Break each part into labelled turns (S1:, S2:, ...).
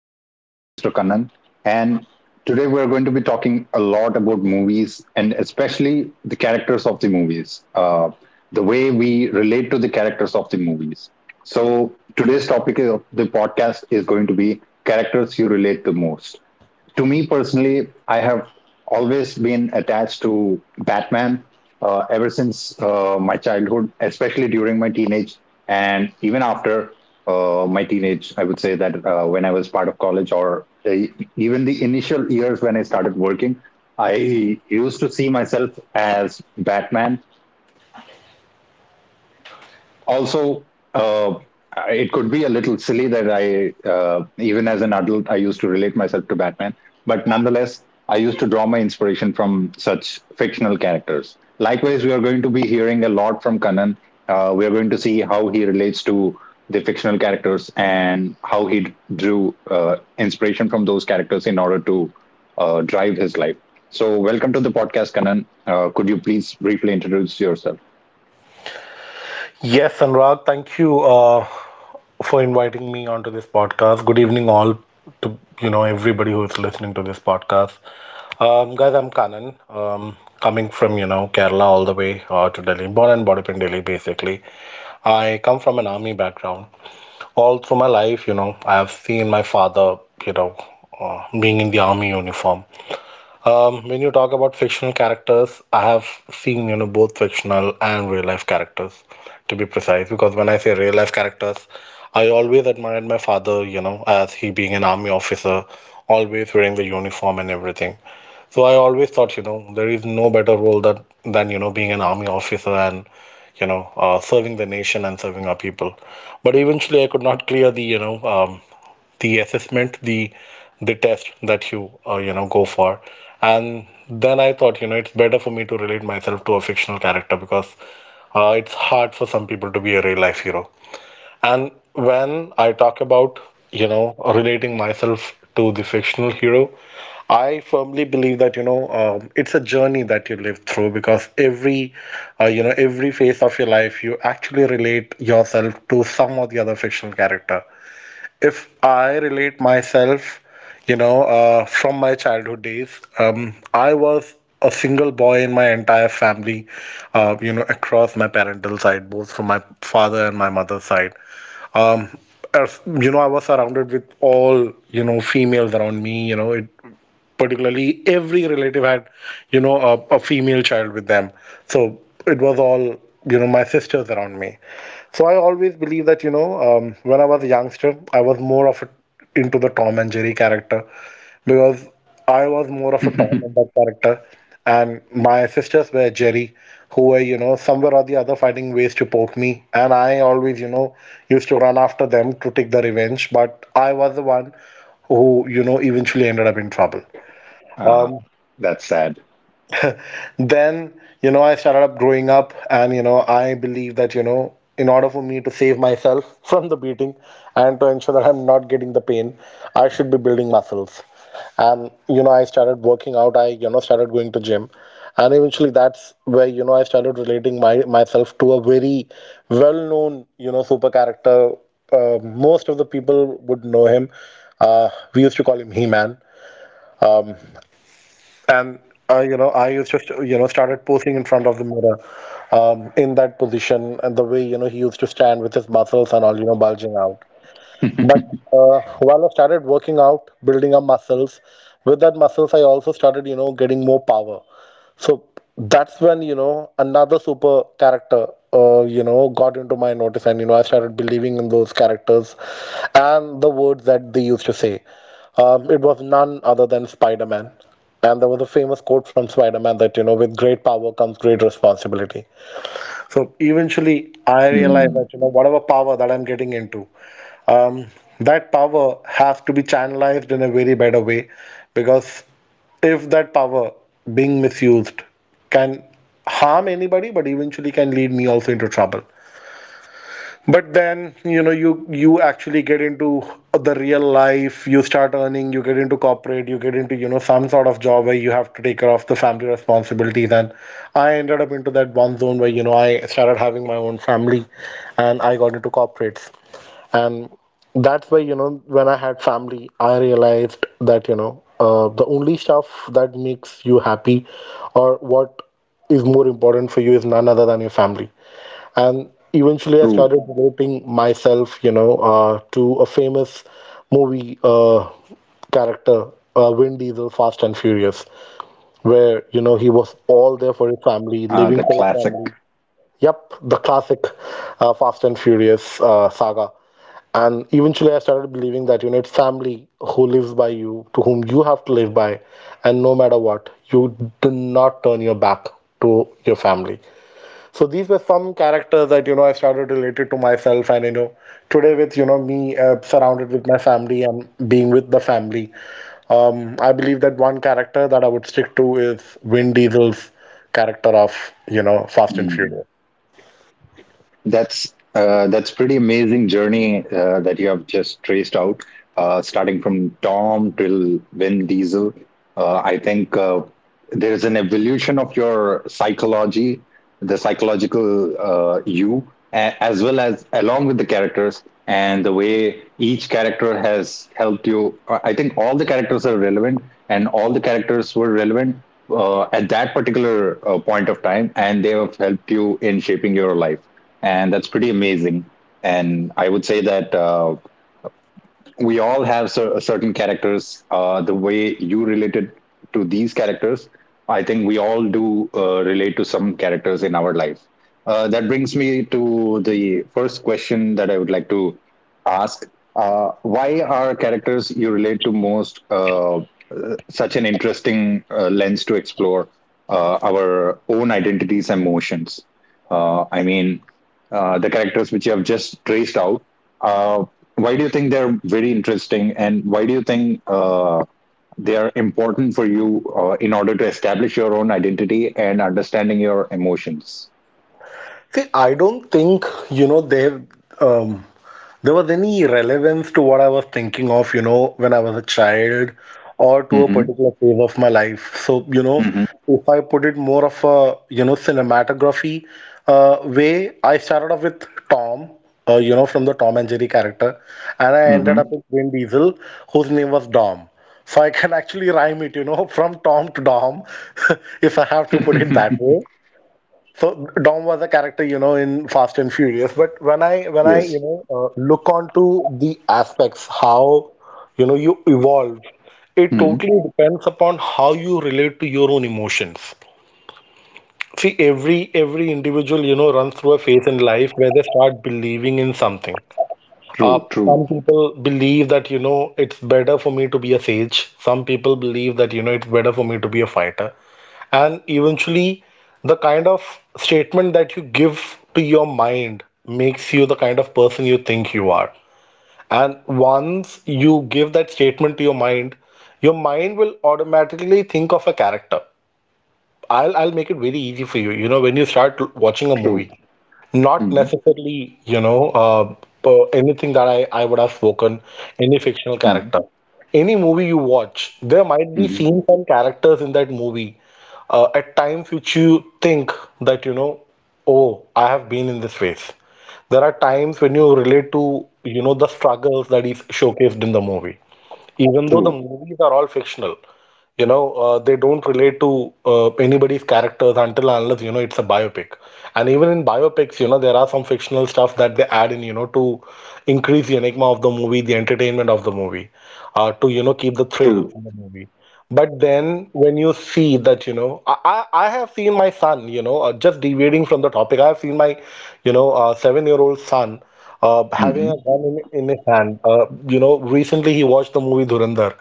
S1: have Mr. Kannan. And today, we're going to be talking a lot about movies, and especially the characters of the movies, the way we relate to the characters of the movies. So today's topic of the podcast is going to be characters you relate to most. To me personally, I have always been attached to Batman ever since my childhood, especially during my teenage and even after my teenage. I would say that when I was part of college, or even the initial years when I started working, I used to see myself as Batman also. uh, it could be a little silly that I uh, even as an adult I used to relate myself to Batman, but nonetheless, I used to draw my inspiration from such fictional characters. Likewise, we are going to be hearing a lot from Kanan. We are going to see how he relates to the fictional characters and how drew uh, inspiration from those characters in order to drive his life. So welcome to the podcast, Kanan. Could you please briefly introduce yourself?
S2: Yes, Anurag, thank you for inviting me onto this podcast. Good evening, all to everybody who is listening to this podcast. Guys, I'm Kanan, coming from Kerala all the way to Delhi, born and brought up in Delhi. Basically, I come from an army background. All through my life, you know, I have seen my father, you know, being in the army uniform. When you talk about fictional characters, I have seen, you know, both fictional and real life characters, to be precise. Because when I say real life characters, I always admired my father, you know, as he being an army officer, always wearing the uniform and everything. So I always thought, you know, there is no better role that than, you know, being an army officer and, serving the nation and serving our people. But eventually, I could not clear the, the assessment, the test that you, you know go for, and then I thought, you know, it's better for me to relate myself to a fictional character because it's hard for some people to be a real life hero. And when I talk about, you know, relating myself to the fictional hero, I firmly believe that, you know, it's a journey that you live through, because every every phase of your life you actually relate yourself to some or the other fictional character. If I relate myself, you know, from my childhood days, I was a single boy in my entire family, you know, across my parental side, both from my father and my mother's side. Um, as, you know, I was surrounded with all, you know, females around me, you know, it particularly every relative had, you know, a female child with them. So it was all, you know, my sisters around me. So I always believe that, you know, when I was a youngster, I was more of a, into the Tom and Jerry character, because I was more of a Tom and that character, and my sisters were Jerry, who were, you know, somewhere or the other finding ways to poke me, and I always, you know, used to run after them to take the revenge, but I was the one who, you know, eventually ended up in trouble.
S1: Uh,
S2: Um,
S1: that's sad.
S2: then, you know, I started up growing up, and you know I believe that, you know, in order for me to save myself from the beating and to ensure that I'm not getting the pain, I should be building muscles. And you know I started working out, I you know started going to gym, and eventually that's where, you know, I started relating my myself to a very well known, you know, super character. Most of the people would know him. uh, we used to call him He-Man. And you know I used you know started posing in front of the mirror, in that position, and the way, you know, he used to stand with his muscles and all, you know, bulging out. But while I started working out, building up muscles, with that muscles I also started, you know, getting more power. So that's when, you know, another super character, you know, got into my notice, and, you know, I started believing in those characters and the words that they used to say. It was none other than Spider-Man. And there was a famous quote from Spider-Man that, you know, with great power comes great responsibility. So eventually I realized
S1: Hmm,
S2: that, you know, whatever power that I'm getting into, um, that power has to be channelized in a very better way, because if that power being misused can harm anybody, but eventually can lead me also into trouble. But then, you know, you actually get into the real life, you start earning, you get into corporate, you get into, you know, some sort of job where you have to take care of the family responsibilities. And I ended up into that one zone where, you know, I started having my own family, and I got into corporates. And that's why, you know, when I had family, I realized that, you know, the only stuff that makes you happy or what is more important for you is none other than your family. And eventually, I
S1: true.
S2: started devoting myself, you know, to a famous movie character, Vin Diesel, Fast and Furious, where, you know, he was all there for his family, living
S1: The
S2: for his
S1: classic.
S2: family. Yep, the classic Fast and Furious saga. And eventually, I started believing that, you know, it's family who lives by you, to whom you have to live by. And no matter what, you do not turn your back to your family. So these were some characters that, you know, I started related to myself, and you know today with, you know, me surrounded with my family and being with the family, I believe that one character that I would stick to is Vin Diesel's character of, you know, Fast and
S1: Hmm.
S2: Furious.
S1: That's that's pretty amazing journey that you have just traced out, starting from Tom till Vin Diesel. I think there is an evolution of your psychology, the psychological you, as well as along with the characters, and the way each character has helped you. I think all the characters are relevant, and all the characters were relevant at that particular point of time, and they have helped you in shaping your life, and that's pretty amazing. And I would say that we all have certain characters. The way you related to these characters, I think we all do relate to some characters in our life. That brings me to the first question that I would like to ask. Why are characters you relate to most such an interesting lens to explore our own identities and emotions? I mean, the characters which you have just traced out. Uh, why do you think they're very interesting, and why do you think they are important for you in order to establish your own identity and understanding your emotions?
S2: See, I don't think they've um, there was any relevance to what I was thinking of, you know, when I was a child or to a
S1: Mm-hmm.
S2: particular phase of my life. So, you know,
S1: Mm-hmm.
S2: if I put it more of a, you know, cinematography way, I started off with Tom, you know, from the Tom and Jerry character, and I ended
S1: Mm-hmm.
S2: up with Vin Diesel, whose name was Dom. So I can actually rhyme it, you know, from Tom to Dom, if I have to put it that way. So Dom was a character, you know, in Fast and Furious. But when I when I you
S1: Yes.
S2: know look onto the aspects, how, you know, you evolve, it
S1: Hmm.
S2: totally depends upon how you relate to your own emotions. See, every individual, you know, runs through a phase in life where they start believing in something.
S1: True, true,
S2: Some people believe that, you know, it's better for me to be a sage. Some people believe that, you know, it's better for me to be a fighter. And eventually the kind of statement that you give to your mind makes you the kind of person you think you are. And once you give that statement to your mind, your mind will automatically think of a character. I'll make it very easy for you. You know, when you start watching a
S1: true.
S2: movie, not
S1: Hmm.
S2: necessarily, you know, anything that I would have spoken, any fictional
S1: Hmm.
S2: character. Any movie you watch, there might be
S1: Hmm.
S2: scenes and characters in that movie at times which you think that, you know, oh, I have been in this phase. There are times when you relate to, you know, the struggles that is showcased in the movie, even though the
S1: True.
S2: movies are all fictional, you know they don't relate to anybody's characters until and unless, you know, it's a biopic. And even in biopics, you know, there are some fictional stuff that they add in, you know, to increase the enigma of the movie, the entertainment of the movie, to, you know, keep the thrill
S1: True.
S2: in the movie. But then when you see that, you know, I have seen my son, you know, just deviating from the topic, I have seen my, you know, seven-year-old son having
S1: Hmm.
S2: a gun in his hand. You know, recently he watched the movie Dhurandhar,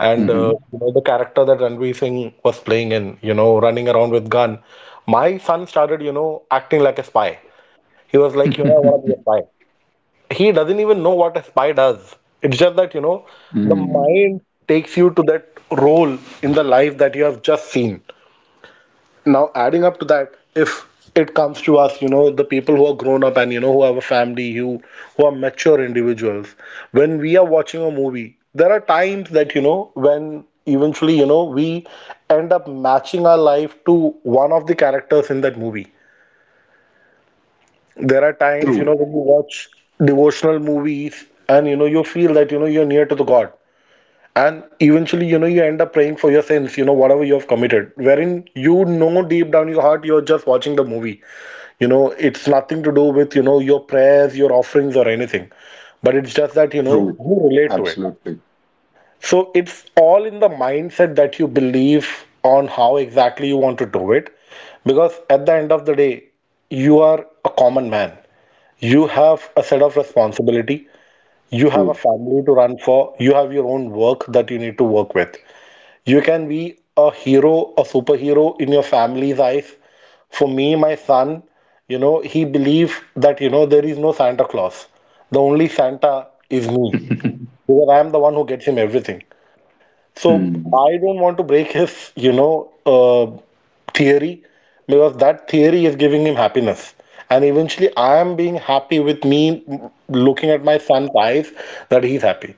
S2: and
S1: Hmm.
S2: you know the character that Ranveer Singh was playing in, you know, running around with gun. My son started, you know, acting like a spy. He was like, you know, I want to be a spy. He doesn't even know what a spy does. It's just that, you know, the
S1: Mm.
S2: mind takes you to that role in the life that you have just seen. Now, adding up to that, if it comes to us, you know, the people who are grown up and, you know, who have a family, who are mature individuals, when we are watching a movie, there are times that, you know, when eventually, you know, we end up matching our life to one of the characters in that movie. There are times, you know,
S1: True.
S2: when you watch devotional movies and, you know, you feel that, you know, you're near to the God. And eventually, you know, you end up praying for your sins, you know, whatever you have committed, wherein, you know, deep down in your heart you're just watching the movie. You know, it's nothing to do with, you know, your prayers, your offerings, or anything. But it's just that, you know,
S1: True.
S2: you relate to it.
S1: Absolutely.
S2: So it's all in the mindset that you believe on how exactly you want to do it. Because at the end of the day, you are a common man, you have a set of responsibility, you have a
S1: True.
S2: family to run for, you have your own work that you need to work with. You can be a hero, a superhero, in your family's eyes. For me, my son, he believes that there is no Santa Claus. The only Santa is me, because I am the one who gets him everything. So
S1: Mm.
S2: I don't want to break his, theory, because that theory is giving him happiness. And eventually, I am being happy with me looking at my son's eyes that he's happy.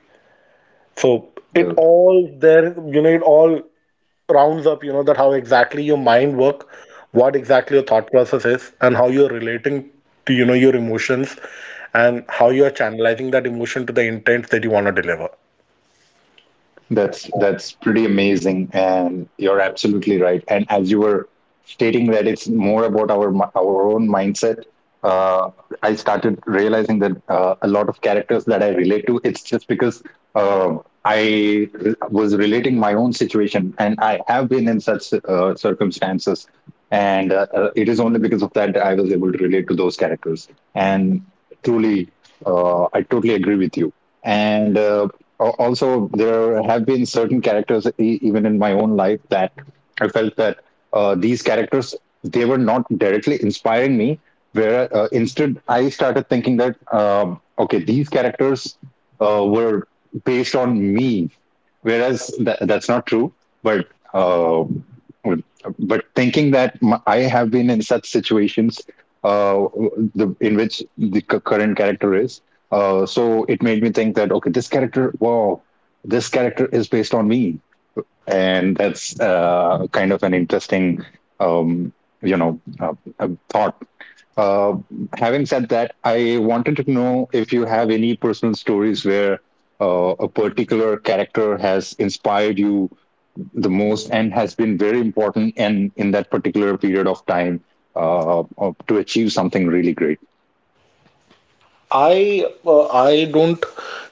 S2: So it
S1: Well.
S2: all there, it all rounds up, that how exactly your mind work, what exactly your thought process is, and how you're relating to, your emotions, and how you are channelizing that emotion to the intent that you want to deliver.
S1: That's pretty amazing, and you're absolutely right. And as you were stating that it's more about our our own mindset, uh, I started realizing that a lot of characters that I relate to, it's just because uh, I was relating my own situation, and I have been in such circumstances, and it is only because of that I was able to relate to those characters. And truly, I totally agree with you. And also there have been certain characters even in my own life that I felt that these characters, they were not directly inspiring me. Where instead, I started thinking that okay, these characters were based on me, whereas that's not true. But uh, but thinking that I have been in such situations uh, the in which the current character is. So it made me think that okay, this character, wow, this character is based on me, and that's kind of an interesting, um, you know, uh, thought. Uh, Having said that, I wanted to know if you have any personal stories where a particular character has inspired you the most and has been very important and in that particular period of time to achieve something really great.
S2: I don't,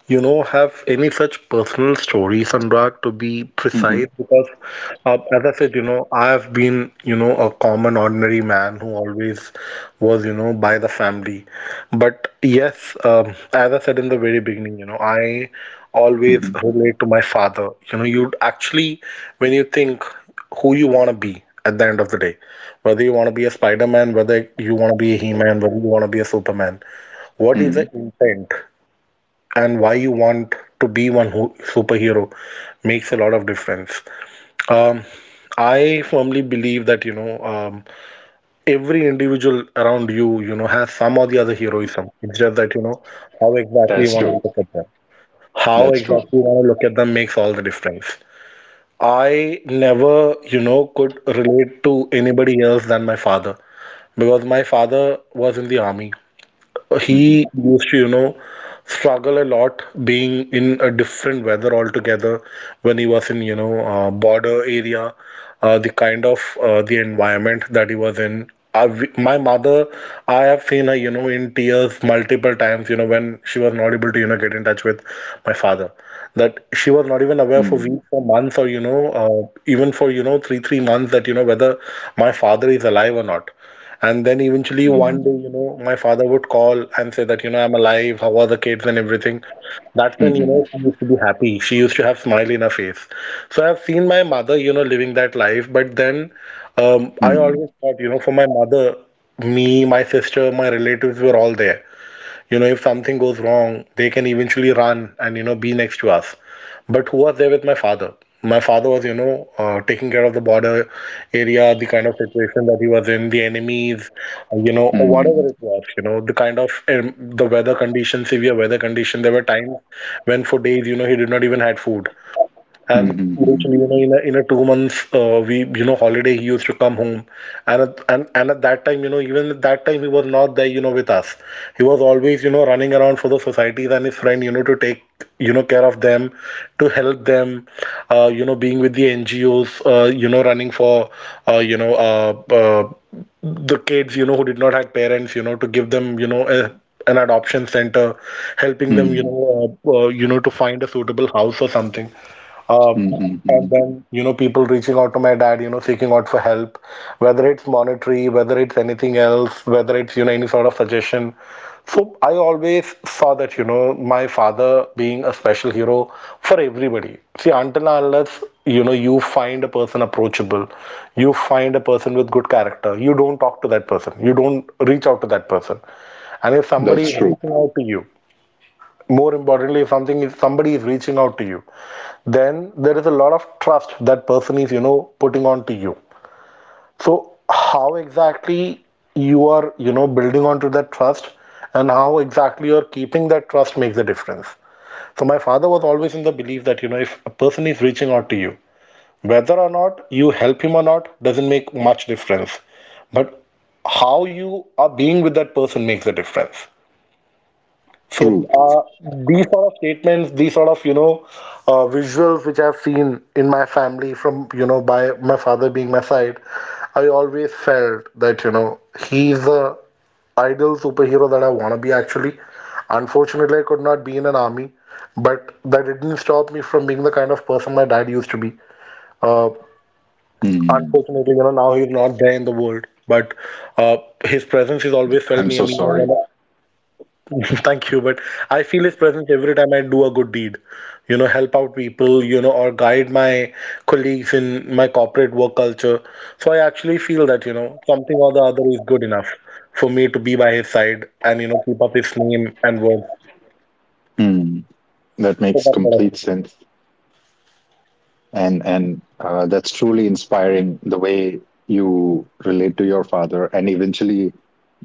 S2: have any such personal stories, Anurag, to be precise,
S1: Hmm.
S2: because as I said, I have been, a common ordinary man who always was, by the family. But yes, as I said in the very beginning, I always relate to my father. You'd actually, when you think who you want to be at the end of the day, whether you want to be a Spider-Man, whether you want to be a He-Man, whether you want to be a Superman, what is the
S1: Hmm.
S2: intent and why you want to be one who, superhero, makes a lot of difference. um, I firmly believe that every individual around you you know has some or the other heroism. It's just that how exactly you
S1: That's
S2: want to
S1: true.
S2: look at them. How
S1: That's true.
S2: exactly you want to look at them makes all the difference. I never could relate to anybody else than my father, because my father was in the army.
S1: Mhm.
S2: He used to, struggle a lot being in a different weather altogether when he was in, border area, the kind of the environment that he was in. I, my mother, I have seen her, in tears multiple times, when she was not able to, get in touch with my father. That she was not even aware for
S1: Mhm.
S2: weeks or months or, even for, three months that, whether my father is alive or not. And then eventually one
S1: Mhm.
S2: day, my father would call and say that, I'm alive, how are the kids and everything. That's when,
S1: Mhm.
S2: she used to be happy. She used to have smile in her face. So I've seen my mother, living that life. But then, I always thought, for my mother, me, my sister, my relatives were all there. If something goes wrong, they can eventually run and be next to us. But who was there with my father? My father was taking care of the border area, the kind of situation that he was in, the enemies, or
S1: Mhm.
S2: whatever it was. The kind of, the weather conditions, severe weather condition. There were times when for days he did not even had food. And
S1: Mhm. Mhm.
S2: usually, in a 2 months, we, holiday, he used to come home. And at that time, even at that time, he was not there, with us. He was always, running around for the societies and his friend, to take, care of them, to help them, being with the NGOs, running for, uh, you know, uh, uh, the kids, who did not have parents, to give them, a, an adoption center, helping them, you know, to find a suitable house or something. Uh,
S1: Mhm.
S2: and
S1: Mhm.
S2: then, people reaching out to my dad, seeking out for help, whether it's monetary, whether it's anything else, whether it's, any sort of suggestion. So I always saw that, my father being a special hero for everybody. See, until and unless, you find a person approachable, you find a person with good character, you don't talk to that person, you don't reach out to that person. And if somebody
S1: That's
S2: is
S1: true.
S2: reaching out to you, more importantly, if somebody is reaching out to you, then there is a lot of trust that person is putting on to you. So how exactly you are building onto that trust, and how exactly you're keeping that trust makes a difference. So my father was always in the belief that if a person is reaching out to you, whether or not you help him or not doesn't make much difference, but how you are being with that person makes a difference. So
S1: True.
S2: these sort of statements, these sort of visuals which I've seen in my family from by my father being my side, I always felt that he's the ideal superhero that I want to be actually. Unfortunately, I could not be in an army, but that didn't stop me from being the kind of person my dad used to be. Uh,
S1: Hmm.
S2: unfortunately, now he's not there in the world, but uh, his presence is always felt
S1: I'm
S2: near
S1: so
S2: me.
S1: sorry.
S2: Thank you, but I feel his presence every time I do a good deed. Help out people, or guide my colleagues in my corporate work culture. So I actually feel that, something or the other is good enough for me to be by his side and, keep up his name and words.
S1: Hmm. That
S2: So
S1: makes
S2: that's what I
S1: complete
S2: feel.
S1: sense, and that's truly inspiring. The way you relate to your father, and eventually,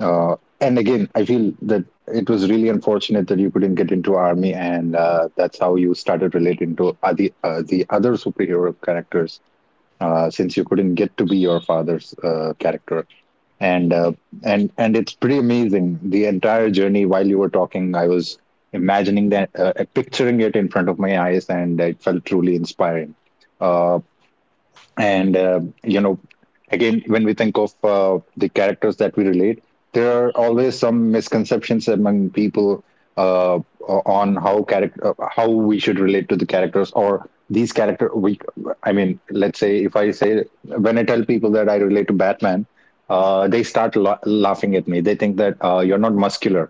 S1: uh, and again, I feel that it was really unfortunate that you couldn't get into army, and that's how you started relating to the other superhero characters since you couldn't get to be your father's character. And uh, and and it's pretty amazing. The entire journey, while you were talking, I was imagining that, picturing it in front of my eyes, and it felt truly inspiring. Uh, and you know Again, when we think of the characters that we relate, there are always some misconceptions among people. uh, on how character, how we should relate to the characters, or these character. We I mean, let's say if I say, when I tell people that I relate to Batman, they start laughing at me. They think that you're not muscular,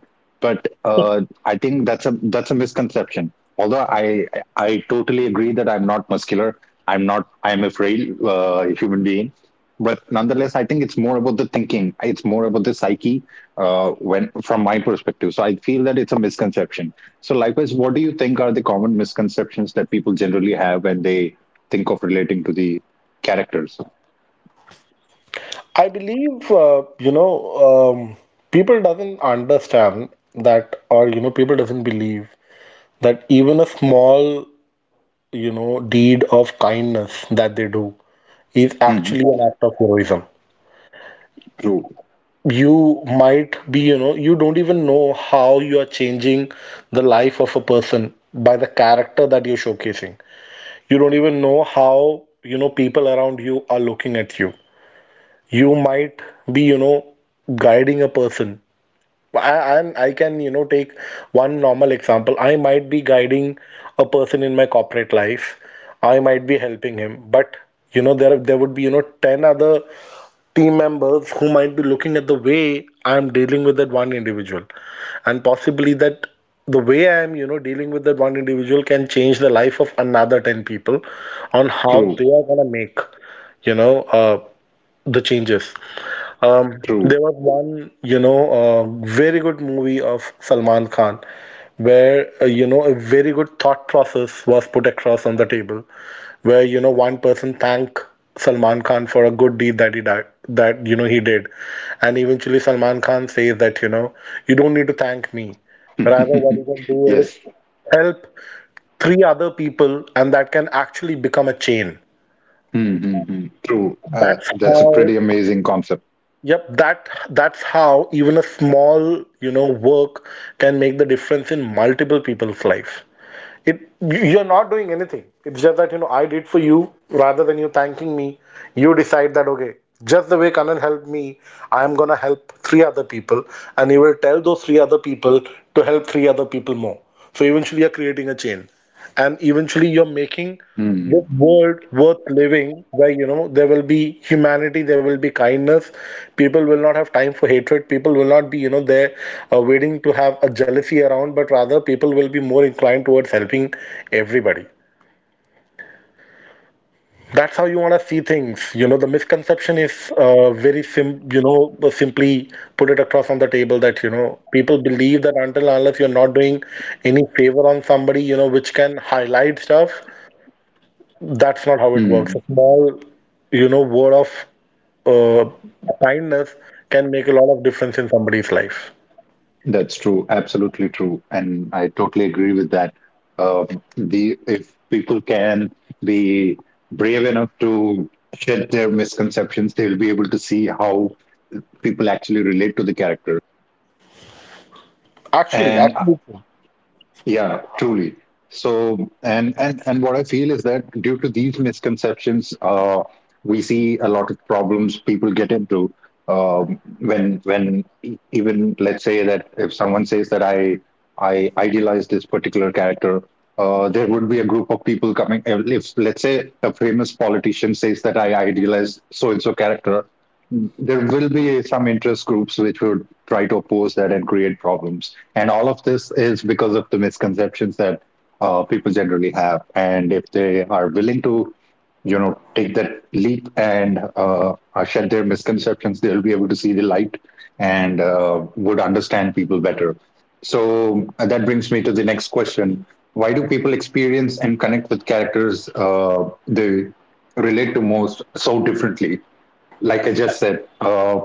S1: but I think that's a misconception. Although I I totally agree that I'm not muscular. I'm not, I'm a frail human being. But nonetheless, I think it's more about the thinking. It's more about the psyche from my perspective. So I feel that it's a misconception. So likewise, what do you think are the common misconceptions that people generally have when they think of relating to the characters?
S2: I believe um, people doesn't understand that, or people doesn't believe that even a small deed of kindness that they do is
S1: Mhm.
S2: actually an act of heroism.
S1: True,
S2: You might be, you don't even know how you are changing the life of a person by the character that you're showcasing. You don't even know how, people around you are looking at you. You might be, guiding a person. And I can, take one normal example. I might be guiding a person in my corporate life. I might be helping him, but there would be 10 other team members who might be looking at the way I am dealing with that one individual, and possibly that the way I am, dealing with that one individual can change the life of another 10 people on how
S1: true,
S2: they are gonna make, you know, uh, the changes.
S1: true.
S2: There was one, very good movie of Salman Khan where, a very good thought process was put across on the table where one person thank Salman Khan for a good deed that he did, that he did, and eventually Salman Khan says that you don't need to thank me. Rather, what you can do
S1: Yes.
S2: is help three other people, and that can actually become a chain.
S1: Mm-hmm. True.
S2: That's
S1: That's a
S2: how.
S1: pretty amazing concept.
S2: Yep, that's how even a small work can make the difference in multiple people's life. It are not doing anything. It's just that I did for you rather than you thanking me. You decide that okay, just the way Kanan helped me, I am gonna help three other people, and you will tell those three other people to help three other people more. So eventually you're creating a chain, and eventually you're making this
S1: Mm-hmm.
S2: world worth living where there will be humanity, there will be kindness. People will not have time for hatred. People will not be there waiting to have a jealousy around, but rather people will be more inclined towards helping everybody. That's how you want to see things. The misconception is, very simply put it across on the table that people believe that until unless you're not doing any favor on somebody which can highlight stuff. That's not how it works. A small, word of uh, kindness can make a lot of difference in somebody's life.
S1: That's true. Absolutely true. And I totally agree with that. The if people can be brave enough to shed their misconceptions, they will be able to see how people actually relate to the character.
S2: Actually,
S1: And
S2: actually, true.
S1: yeah, truly. So, and what I feel is that due to these misconceptions, we see a lot of problems people get into even let's say that if someone says that I idealize this particular character, there would be a group of people coming. If let's say a famous politician says that I idealize so and so character, there will be some interest groups which would try to oppose that and create problems. And all of this is because of the misconceptions that people generally have. And if they are willing to, you know, take that leap and shed their misconceptions, they'll be able to see the light and would understand people better. So that brings me to the next question. Why do people experience and connect with characters they relate to most so differently? Like I just said,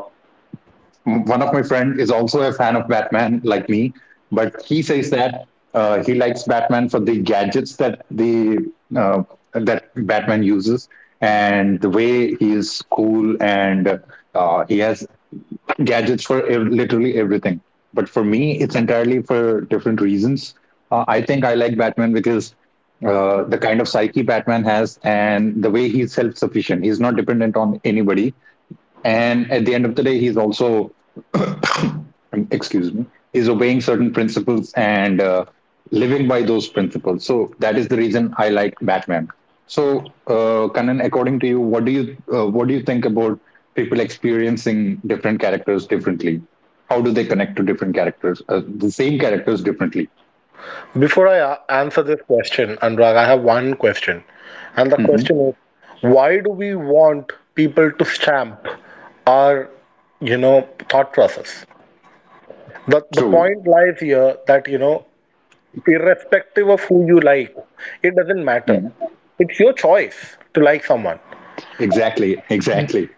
S1: one of my friend is also a fan of Batman, like me, but he says that he likes Batman for the gadgets that the uh, that Batman uses, and the way he is cool and he has gadgets for literally everything. But for me, it's entirely for different reasons. I think I like Batman because the kind of psyche Batman has, and the way he's self sufficient. He's not dependent on anybody, and at the end of the day, he's also excuse me, he's obeying certain principles and living by those principles. So that is the reason I like Batman. So Kanan, according to you, what do you what do you think about people experiencing different characters differently? How do they connect to different characters, the same characters differently?
S2: Before I answer this question, Anurag, I have one question, and the
S1: Mm-hmm.
S2: question is, why do we want people to stamp our thought process? The
S1: True.
S2: point lies here that, irrespective of who you like, it doesn't matter.
S1: Mhm.
S2: It's your choice to like someone.
S1: Exactly, exactly.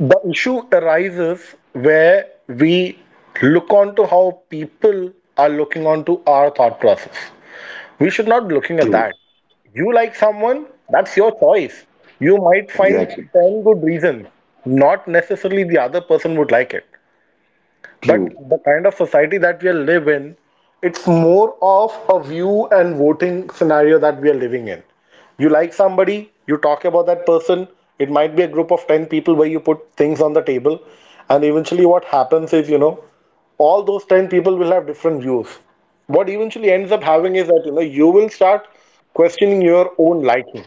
S2: The issue arises where we look onto how people are looking onto our thought process. We should not be looking at
S1: True.
S2: that. You like someone, that's your choice. You might find
S1: Exactly.
S2: 10 good reasons. Not necessarily the other person would like it. But
S1: True.
S2: the kind of society that we are live in, it's more of a view and voting scenario that we are living in. You like somebody, you talk about that person. It might be a group of 10 people where you put things on the table. And eventually, what happens is, all those 10 people will have different views. What eventually ends up having is that you will start questioning your own liking.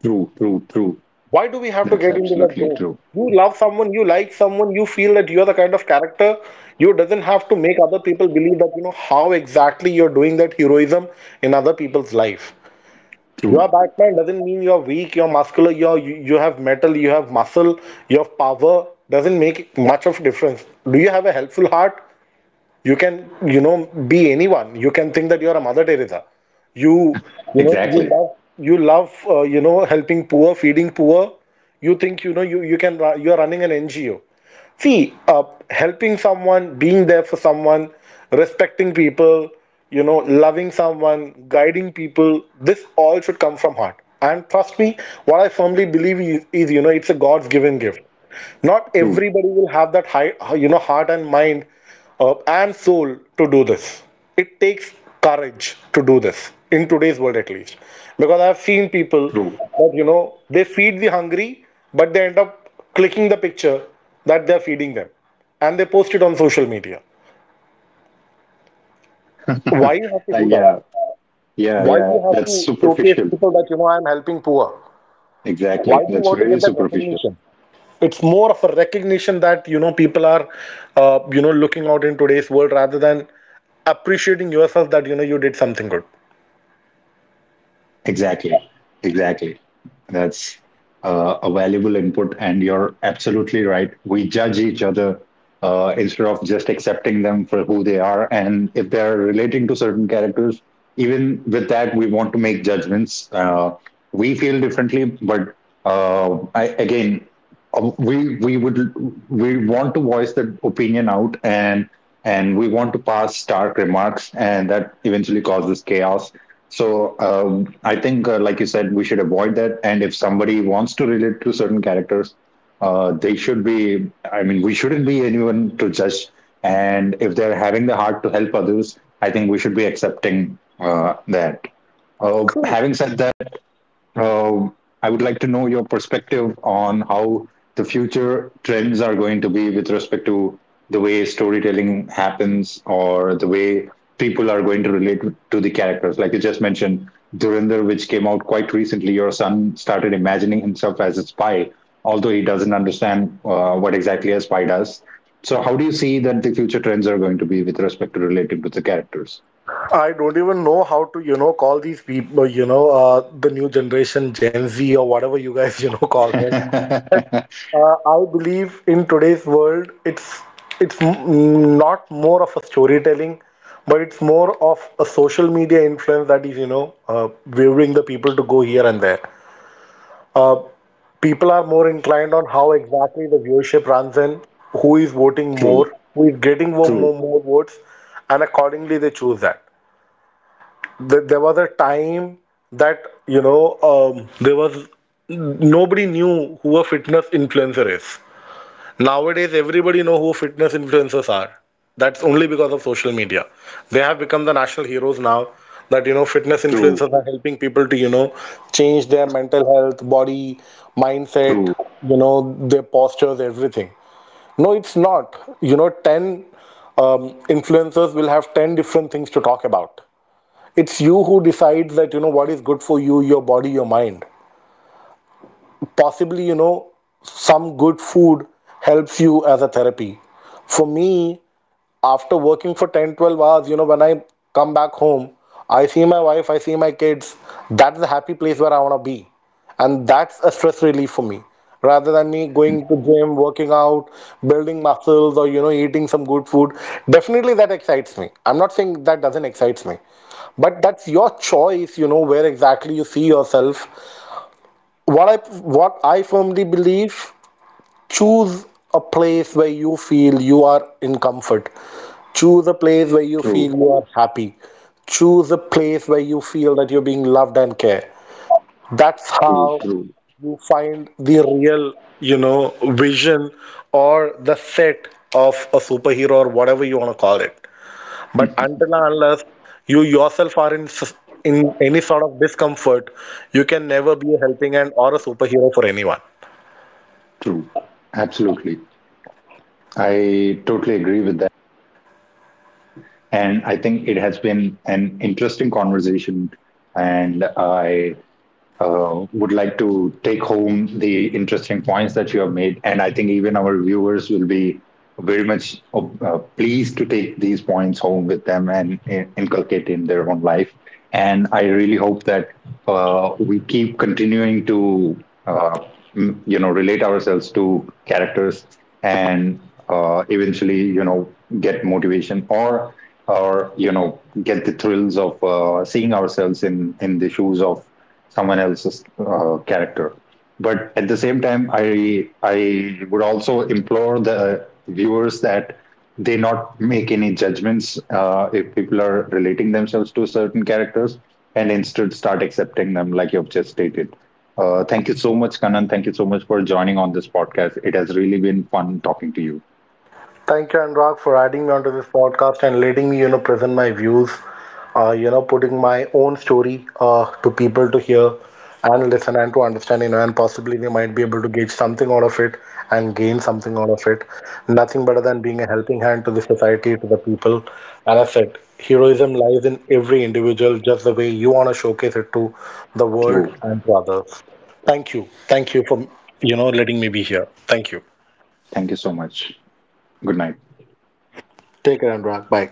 S1: True. True. True.
S2: Why do we have to
S1: That's
S2: get into that
S1: absolutely
S2: zone?
S1: true.
S2: You love someone, you like someone, you feel that you are the kind of character. You doesn't have to make other people believe that you know how exactly you're doing that heroism in other people's life. You
S1: True.
S2: are Batman doesn't mean you are weak, you're muscular, you have metal, you have muscle, you have power. Doesn't make much of difference. Do you have a helpful heart? You can you know be anyone. You can think that you are a Mother Teresa. you you know, you
S1: Exactly.
S2: love helping poor, feeding poor. You think you are running an NGO. See, helping someone, being there for someone, respecting people, you know loving someone, guiding people, this all should come from heart. And trust me, what I firmly believe is, it's a God's given gift. Not
S1: True.
S2: everybody will have that high heart and mind, and soul to do this. It takes courage to do this in today's world, at least, because I've seen people
S1: True.
S2: that they feed the hungry, but they end up clicking the picture that they're feeding them, and they post it on social media. Why you have to do that?
S1: Yeah. Yeah.
S2: Why
S1: Yeah.
S2: you have
S1: That's
S2: to showcase
S1: superficial.
S2: people that I'm helping poor?
S1: Exactly. That's very superficial.
S2: It's more of a recognition that people are looking out in today's world rather than appreciating yourself that you did something good.
S1: Exactly, exactly. That's a valuable input, and you're absolutely right. We judge each other instead of just accepting them for who they are. And if they're relating to certain characters, even with that, we want to make judgments. We feel differently, but again, we would we want to voice that opinion out, and we want to pass stark remarks, and that eventually causes chaos. So I think, like you said, we should avoid that. And if somebody wants to relate to certain characters, they should be. I mean, we shouldn't be anyone to judge. And if they're having the heart to help others, I think we should be accepting that. Having said that, uh, I would like to know your perspective on how the future trends are going to be with respect to the way storytelling happens, or the way people are going to relate to the characters. Like you just mentioned, Durinder, which came out quite recently, your son started imagining himself as a spy, although he doesn't understand what exactly a spy does. So, how do you see that the future trends are going to be with respect to relating to the characters?
S2: I don't even know how to call these people, the new generation, Gen Z, or whatever you guys, call them. I believe in today's world, it's not more of a storytelling, but it's more of a social media influence that is waving the people to go here and there. Uh, people are more inclined on how exactly the viewership runs in, who is voting
S1: True,
S2: more, who is getting more,
S1: true,
S2: more, more votes, and accordingly they choose that. There was a time that there was nobody knew who a fitness influencer is. Nowadays, everybody know who fitness influencers are. That's only because of social media. They have become the national heroes now that fitness
S1: true,
S2: influencers are helping people to change their mental health, body, mindset,
S1: true,
S2: their postures, everything. No, it's not, 10, um, influencers will have 10 different things to talk about. It's you who decides that what is good for you, your body, your mind. Possibly, some good food helps you as a therapy. For me, after working for 10 12 hours, when I come back home, I see my wife, I see my kids. That's the happy place where I want to be. And that's a stress relief for me, rather than me going to gym, working out, building muscles, or eating some good food. Definitely that excites me. I'm not saying that doesn't excite me. But that's your choice, where exactly you see yourself. What i what i firmly believe: choose a place where you feel you are in comfort. Choose a place where you feel
S1: true.
S2: you are happy. Choose a place where you feel that you're being loved and cared. That's
S1: True,
S2: how
S1: true.
S2: you find the real, you know vision or the set of a superhero or whatever you want to call it. But until and unless you yourself are in any sort of discomfort, you can never be a helping hand or a superhero for anyone.
S1: True. Absolutely. I totally agree with that. And I think it has been an interesting conversation. And I would like to take home the interesting points that you have made. And I think even our viewers will be very much pleased to take these points home with them, and inculcate in their own life. And I really hope that we keep continuing to, uh, relate ourselves to characters, and eventually, you know, get motivation, or you know get the thrills of seeing ourselves in the shoes of someone else's character. But at the same time, I would also implore the viewers that they not make any judgments if people are relating themselves to certain characters, and instead start accepting them, like you've just stated. Thank you so much, Kanan. Thank you so much for joining on this podcast. It has really been fun talking to you.
S2: Thank you, Anurag, for adding me onto this podcast and letting me present my views, putting my own story to people to hear and listen and to understand, and possibly they might be able to gauge something out of it and gain something out of it. Nothing better than being a helping hand to the society, to the people. And I said, heroism lies in every individual, just the way you want to showcase it to the world
S1: So,
S2: and to others. Thank you. Thank you for letting me be here. Thank you.
S1: thank you so much. Good night.
S2: Take care, Anurag. Bye.